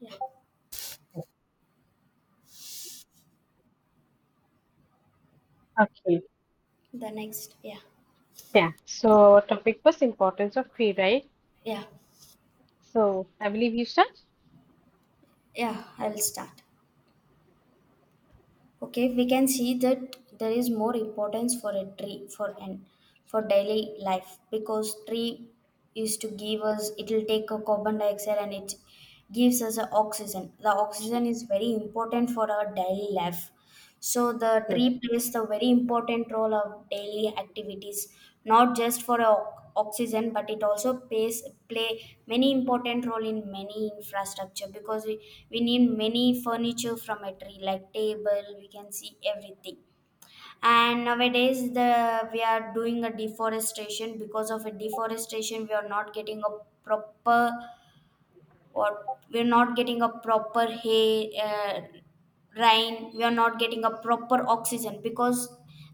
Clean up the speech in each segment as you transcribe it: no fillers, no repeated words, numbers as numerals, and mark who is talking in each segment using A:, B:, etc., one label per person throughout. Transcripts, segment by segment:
A: Yeah.
B: Okay.
A: The next. Yeah,
B: Yeah. So our topic was importance of tree, right?
A: yeah,
B: So I believe you start.
A: yeah, I'll start. Okay, we can see that there is more importance for a tree for an for daily life because tree is to give us it will take a carbon dioxide and it gives us a oxygen, the oxygen is very important for our daily life. So the
B: Good.
A: tree plays the very important role of daily activities, not just for oxygen, but it also plays play many important role in many infrastructure because we need many furniture from a tree like table, we can see everything. And nowadays the we are doing a deforestation, because of a deforestation we are not getting a proper or we're not getting a proper hay rain, we are not getting a proper oxygen because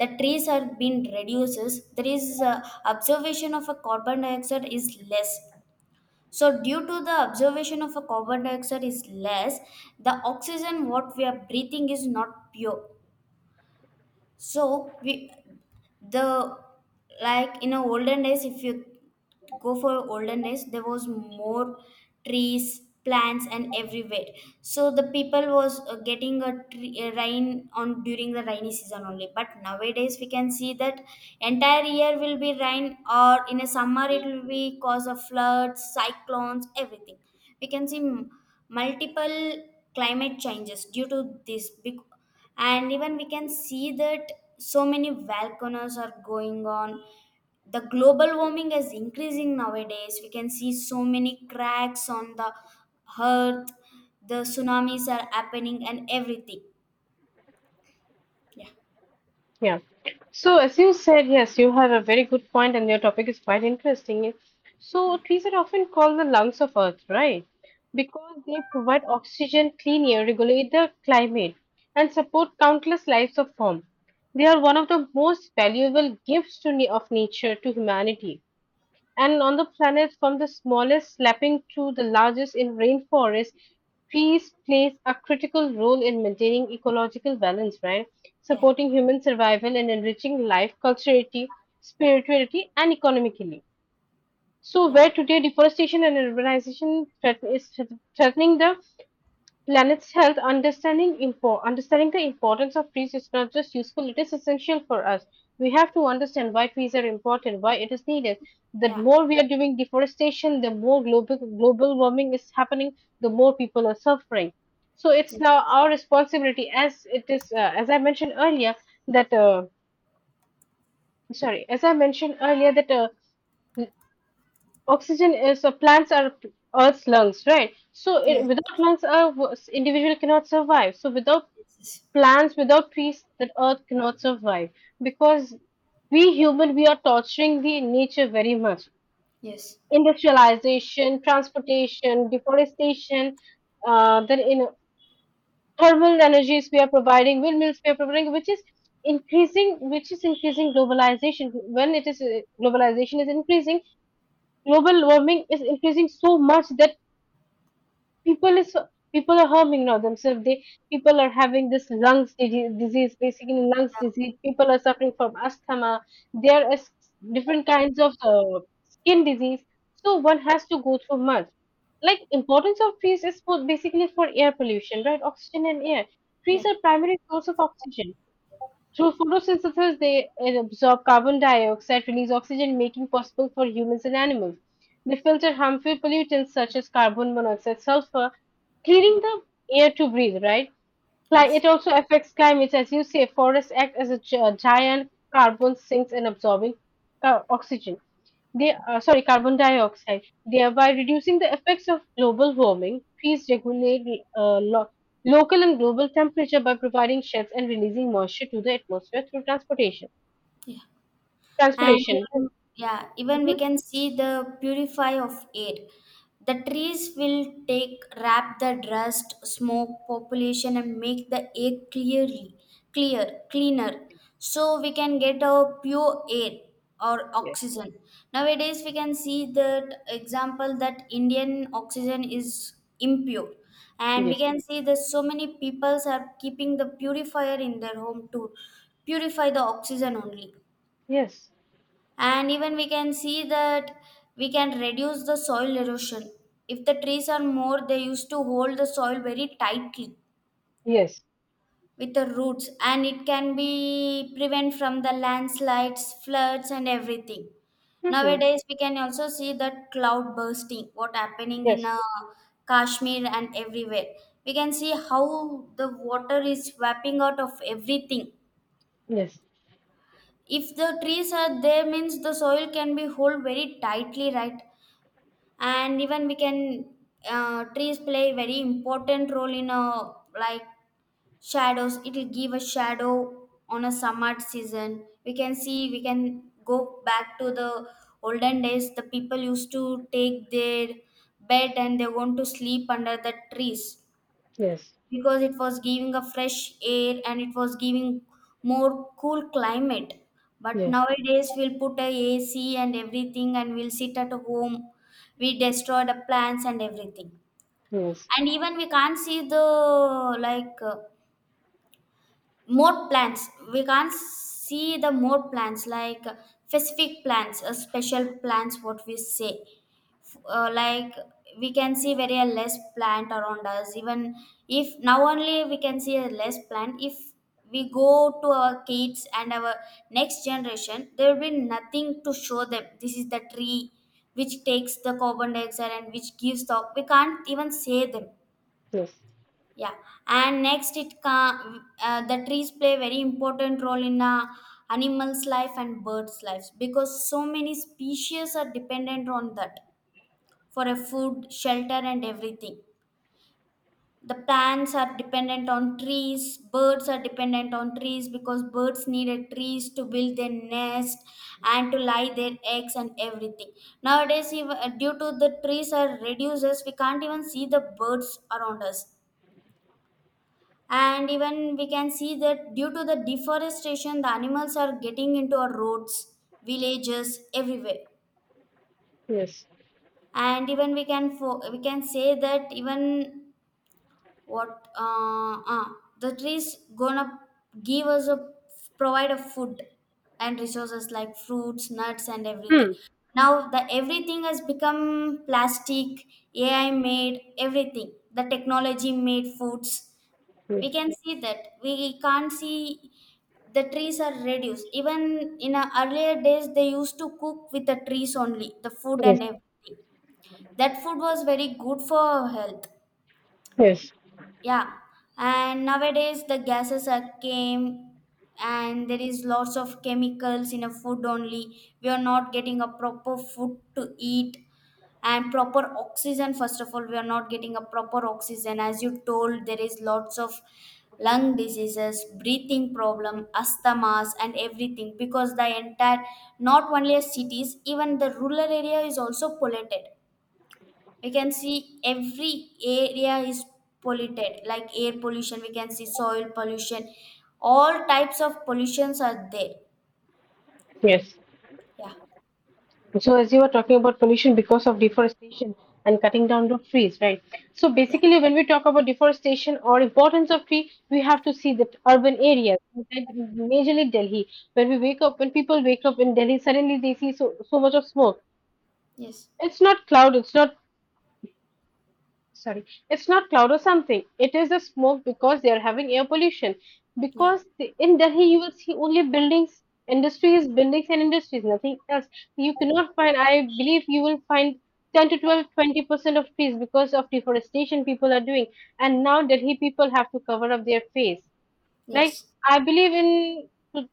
A: the trees are being reduces, there is observation of a carbon dioxide is less. So due to the observation of a carbon dioxide is less, the oxygen what we are breathing is not pure. So we the like in a olden days if you go for olden days there was more trees, plants and everywhere. So the people was getting a, tree, a rain on during the rainy season only, but nowadays we can see that entire year will be rain or in a summer it will be cause of floods, cyclones, everything. We can see multiple climate changes due to this big. And even we can see that so many volcanoes are going on, the global warming is increasing, nowadays we can see so many cracks on the earth, the tsunamis are happening and everything. yeah,
B: Yeah. So as you said, yes, you have a very good point, and your topic is quite interesting. So
A: yeah,
B: trees are often called the lungs of Earth, right? Because they provide oxygen, clean air, regulate the climate, and support countless lives of form. They are one of the most valuable gifts of nature to humanity. And on the planet, from the smallest saplings to the largest in rainforests, trees plays a critical role in maintaining ecological balance, right?
A: yeah,
B: Supporting human survival and enriching life, culturally, spirituality, and economically. So, where today deforestation and urbanization is threatening the planet's health. Understanding understanding the importance of trees is not just useful, it is essential for us. We have to understand why trees are important, why it is needed. The
A: yeah,
B: more we are doing deforestation, the more global warming is happening, the more people are suffering. So it's
A: yeah,
B: now our responsibility, as it is as I mentioned earlier that uh, as I mentioned earlier that oxygen is plants are Earth's lungs, right? So
A: yeah,
B: without lungs, our individual cannot survive. So without
A: yes, yes,
B: plants, without peace that Earth cannot survive. Because we human, we are torturing the nature very much.
A: yes, yes.
B: Industrialization, transportation, deforestation, then in thermal energies we are providing, windmills we are providing, which is increasing, globalization. When it is globalization is increasing, global warming is increasing so much that people is people are harming now themselves. They People are having this disease, basically lungs disease. People are suffering from asthma. there are s- Different kinds of skin disease, so one has to go through much. Like, importance of trees is for basically for air pollution, right? Oxygen and air,
A: Yeah, yeah,
B: trees are primary source of oxygen. Through photosynthesis, they absorb carbon dioxide, release oxygen, making possible for humans and animals. They filter harmful pollutants such as carbon monoxide, sulfur,
A: yeah,
B: clearing the air to breathe, right?
A: yes,
B: It also affects climate. As you say, forests act as a giant carbon sinks in absorbing oxygen. They, sorry, carbon dioxide, thereby reducing the effects of global warming. Trees regulate uh, lo- local and global temperature by providing shades and releasing moisture to the atmosphere through transportation.
A: yeah. And
B: Transpiration.
A: even, yeah, even we
B: Mhm.
A: can see the purify of air, the trees will take wrap the dust, smoke, population and make the air clearly clear cleaner, so we can get a pure air or
B: Yes.
A: oxygen. Nowadays we can see that example that indian oxygen is impure, and we
B: Yes.
A: can see that so many peoples are keeping the purifier in their home to purify the oxygen only.
B: Yes.
A: And even we can see that we can reduce the soil erosion. If the trees are more they used to hold the soil very tightly
B: Yes.
A: with the roots, and it can be prevent from the landslides, floods and everything.
B: Mhm.
A: Nowadays we can also see that cloud bursting what happening in
B: Yes.
A: Kashmir and everywhere. We can see how the water is swapping out of everything.
B: Yes.
A: If the trees are there means the soil can be hold very tightly, right? And even we can trees play a very important role in a like shadows, it will give a shadow on a summer season. We can see, we can go back to the olden days the people used to take their bed and they want to sleep under the trees
B: Yes.
A: because it was giving a fresh air and it was giving more cool climate. But
B: Yes.
A: nowadays we'll put a AC and everything and we'll sit at home, we destroy the plants and everything.
B: Yes.
A: And even we can't see the like more plants, we can't see the more plants like specific plants, special plants what we say like we can see very a less plant around us. Even if now only we can see a less plant, if we go to our kids and our next generation there will be nothing to show them this is the tree which takes the carbon dioxide and which gives the, we can't even say them,
B: Yes.
A: yeah. And next it can the trees play very important role in animals' life and birds' lives, because so many species are dependent on that for a food, shelter, and everything. The plants are dependent on trees. Birds are dependent on trees because birds needed trees to build their nest and to lay their eggs and everything. Nowadays, even, due to the trees are reduces, we can't even see the birds around us. And even we can see that due to the deforestation the animals are getting into our roads, villages, everywhere.
B: Yes.
A: And even we can say that even what the trees gonna give us a provide a food and resources like fruits, nuts and everything.
B: Hmm.
A: Now the everything has become plastic, AI made everything, the technology made foods. We
B: Yes.
A: can see that we can't see the trees are reduced. Even in a earlier days they used to cook with the trees only the food
B: Yes.
A: and everything, that food was very good for health,
B: Yes.
A: yeah. And nowadays the gases are came and there is lots of chemicals in a food only, we are not getting a proper food to eat. And proper oxygen, first of all we are not getting a proper oxygen, as you told there is lots of lung diseases, breathing problem, asthmas and everything, because the entire not only as cities even the rural area is also polluted. We can see every area is polluted, like air pollution, we can see soil pollution, all types of pollutions are there.
B: Yes.
A: Yeah,
B: So as you were talking about pollution because of deforestation and cutting down the trees, right? So
A: yeah,
B: basically, when we talk about deforestation or importance of tree, we have to see that urban areas, like majorly Delhi, when we wake up, when people wake up in Delhi, suddenly they see so much of smoke.
A: yes,
B: It's not cloud, it's not sorry, it's not cloud or something. It is the smoke because they are having air pollution.
A: yeah,
B: Because in Delhi, you will see only buildings, industries, buildings, and industries, nothing else. You cannot find, I believe you will find 10 to 12, 20% of trees because of deforestation people are doing. And now Delhi people have to cover up their face. Like,
A: yes,
B: I believe in two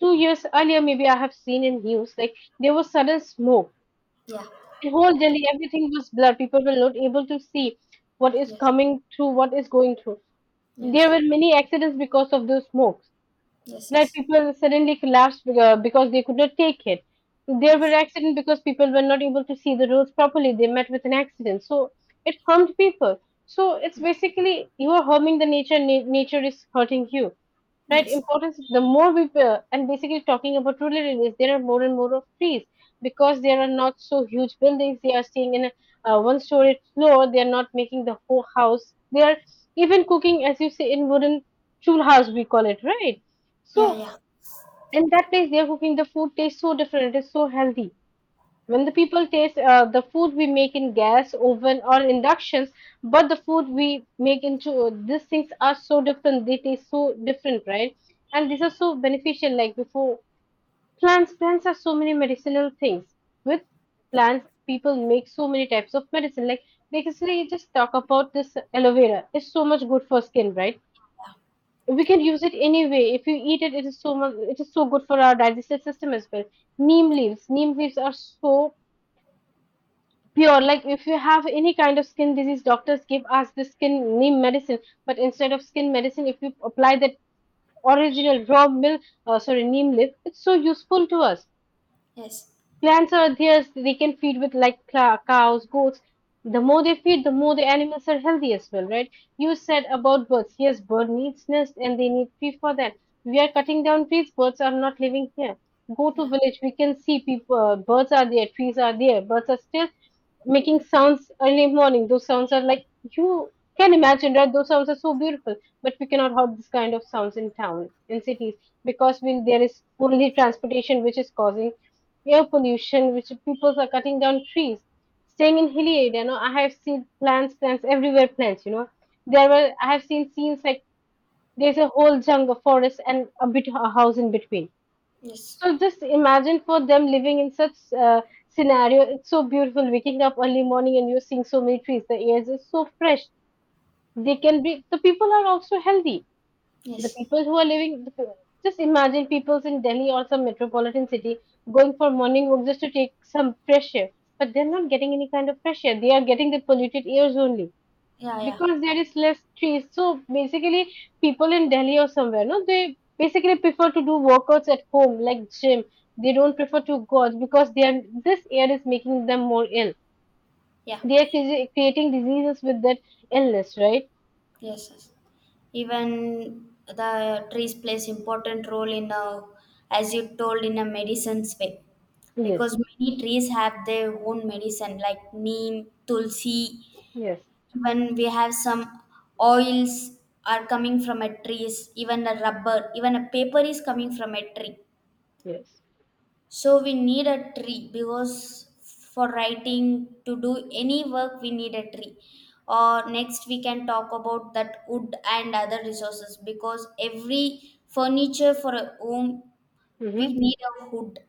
B: two years earlier, maybe I have seen in news, like, there was sudden smoke.
A: yeah,
B: The whole Delhi, everything was blurred. People were not able to see what is
A: yes,
B: coming through, what is going through. There
A: yes,
B: were many accidents because of those smokes
A: yes,
B: that
A: yes.
B: people suddenly collapsed because they could not take it. There were
A: Yes.
B: accidents because people were not able to see the roads properly. They met with an accident. So it harmed people. So it's basically you are harming the nature, nature is hurting you. Right?
A: Yes.
B: Importance the more we And basically talking about rural areas, there are more and more of trees because there are not so huge buildings. They are staying in a one story floor. They are not making the whole house. They are even cooking, as you say, in wooden toolhouse, we call it, right?
A: Yeah.
B: So
A: Yeah.
B: in that place, they're cooking the food tastes so different. It's so healthy. When the people taste the food we make in gas oven or inductions, but the food we make into these things are so different. They taste so different, right? And these are so beneficial. Like before, plants are so many medicinal things. With plants, people make so many types of medicine. Like basically, you just talk about this aloe vera. It's so much good for skin, right? We can use it anyway. If you eat it, it is so good for our digestive system as well. Neem leaves are so pure. Like if you have any kind of skin disease, doctors give us the skin neem medicine. But instead of skin medicine, if you apply that original raw milk, sorry, neem leaf, it's so useful to us.
A: Yes.
B: Plants are there, so they can feed with like cows, goats. The more they feed, the more the animals are healthy as well, right? You said about birds. Yes, bird needs nest and they need tree for that. We are cutting down trees, birds are not living here. Go to
A: Yeah.
B: village, we can see people, birds are there, trees are there, birds are still making sounds early morning. Those sounds are like you can imagine, right? Those sounds are so beautiful, but we cannot have this kind of sounds in town, in cities, because when there is only transportation which is causing air pollution, which people are cutting down trees. Staying in hilly area, I have seen plants, plants everywhere, plants. You know, there were I have seen scenes like there's a whole jungle forest and a bit a house in between.
A: Yes.
B: So just imagine for them living in such scenario. It's so beautiful waking up early morning and you're seeing so many trees. The air is so fresh. They can be The people are also healthy, the
A: Yes.
B: people who are living, just imagine people in Delhi or some metropolitan city going for morning walk just to take some fresh air, but they're not getting any kind of fresh air. They are getting the polluted airs only
A: Yeah. Yeah.
B: because there is less trees. So basically, people in Delhi or somewhere, no, they basically prefer to do workouts at home like gym. They don't prefer to go out because they are this air is making them more ill.
A: Yeah.
B: They are creating diseases with that illness, right?
A: Yes, yes. Even the trees plays important role in a, as you told in a medicine's way, because
B: Yes,
A: many trees have their own medicine like neem, tulsi.
B: yes,
A: Even we have some oils are coming from a trees. Even a rubber, even a paper is coming from a tree.
B: yes.
A: So we need a tree because for writing to do any work we need a tree. Or next we can talk about that wood and other resources, because every furniture for a home we
B: Mm-hmm.
A: need a wood.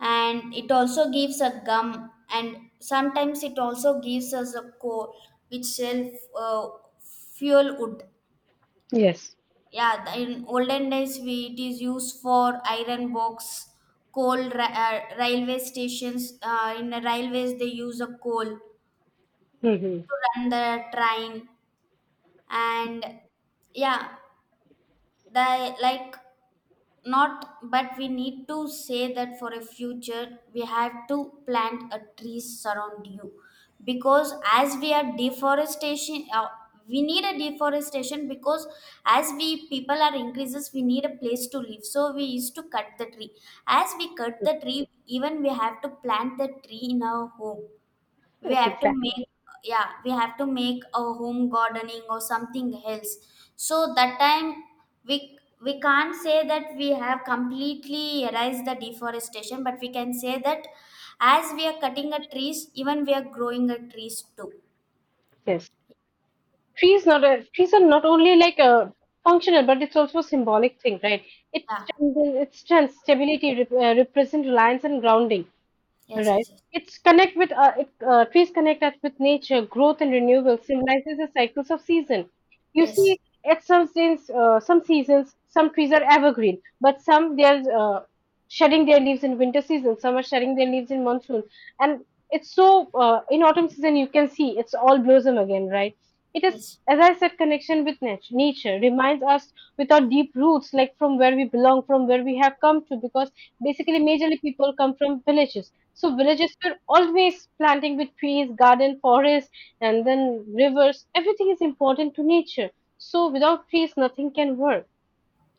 A: And it also gives a gum and sometimes it also gives us a coal which self uh, fuel wood.
B: Yes.
A: Yeah, in olden days we it is used for iron box, coal railway stations, in the railways they use a coal
B: Hmm.
A: to run the train. And yeah, the like not, but we need to say that for a future we have to plant a trees around you, because as we are deforestation, we need a deforestation because as we people are increases we need a place to live, so we used to cut the tree. As we cut the tree, even we have to plant the tree in our home, we
B: Yes,
A: have to
B: exactly.
A: make, yeah, we have to make a home gardening or something else. So that time we can't say that we have completely erased the deforestation, but we can say that as we are cutting a trees, even we are growing a trees too.
B: Yes, trees are not only like a functional, but it's also a symbolic thing, right? It's
A: Yeah,
B: it's strength, stability, represent reliance and grounding.
A: yes,
B: Right.
A: yes,
B: It's connect with it, Trees connect us with nature, growth and renewal symbolizes the cycles of season. You
A: yes,
B: see, at some seasons, some trees are evergreen, but some they are shedding their leaves in winter season. Some are shedding their leaves in monsoon, and it's so in autumn season you can see it's all blossom again, right? It is,
A: yes, yes,
B: as I said, connection with nature reminds us with our deep roots, like from where we belong, from where we have come to, because
A: yeah.
B: basically, majorly people come from villages. So, villages were always planting with trees, garden, forest, and then rivers. Everything is important to nature. So, without trees, nothing can work,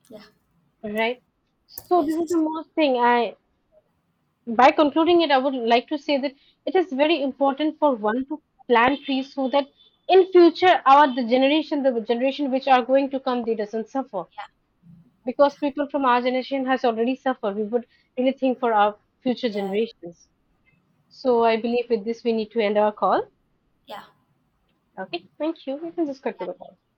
A: Yeah.
B: right? So,
A: Yes,
B: this is
A: yes,
B: the most thing I by concluding it, I would like to say that it is very important for one to plant trees so that in future the generation which are going to come, they doesn't suffer
A: yeah,
B: because
A: yeah,
B: people from our generation has already suffered. We would really think for our future generations. So I believe with this we need to end our call.
A: yeah, yeah,
B: Okay, thank you. You can just cut to the call.
A: yeah.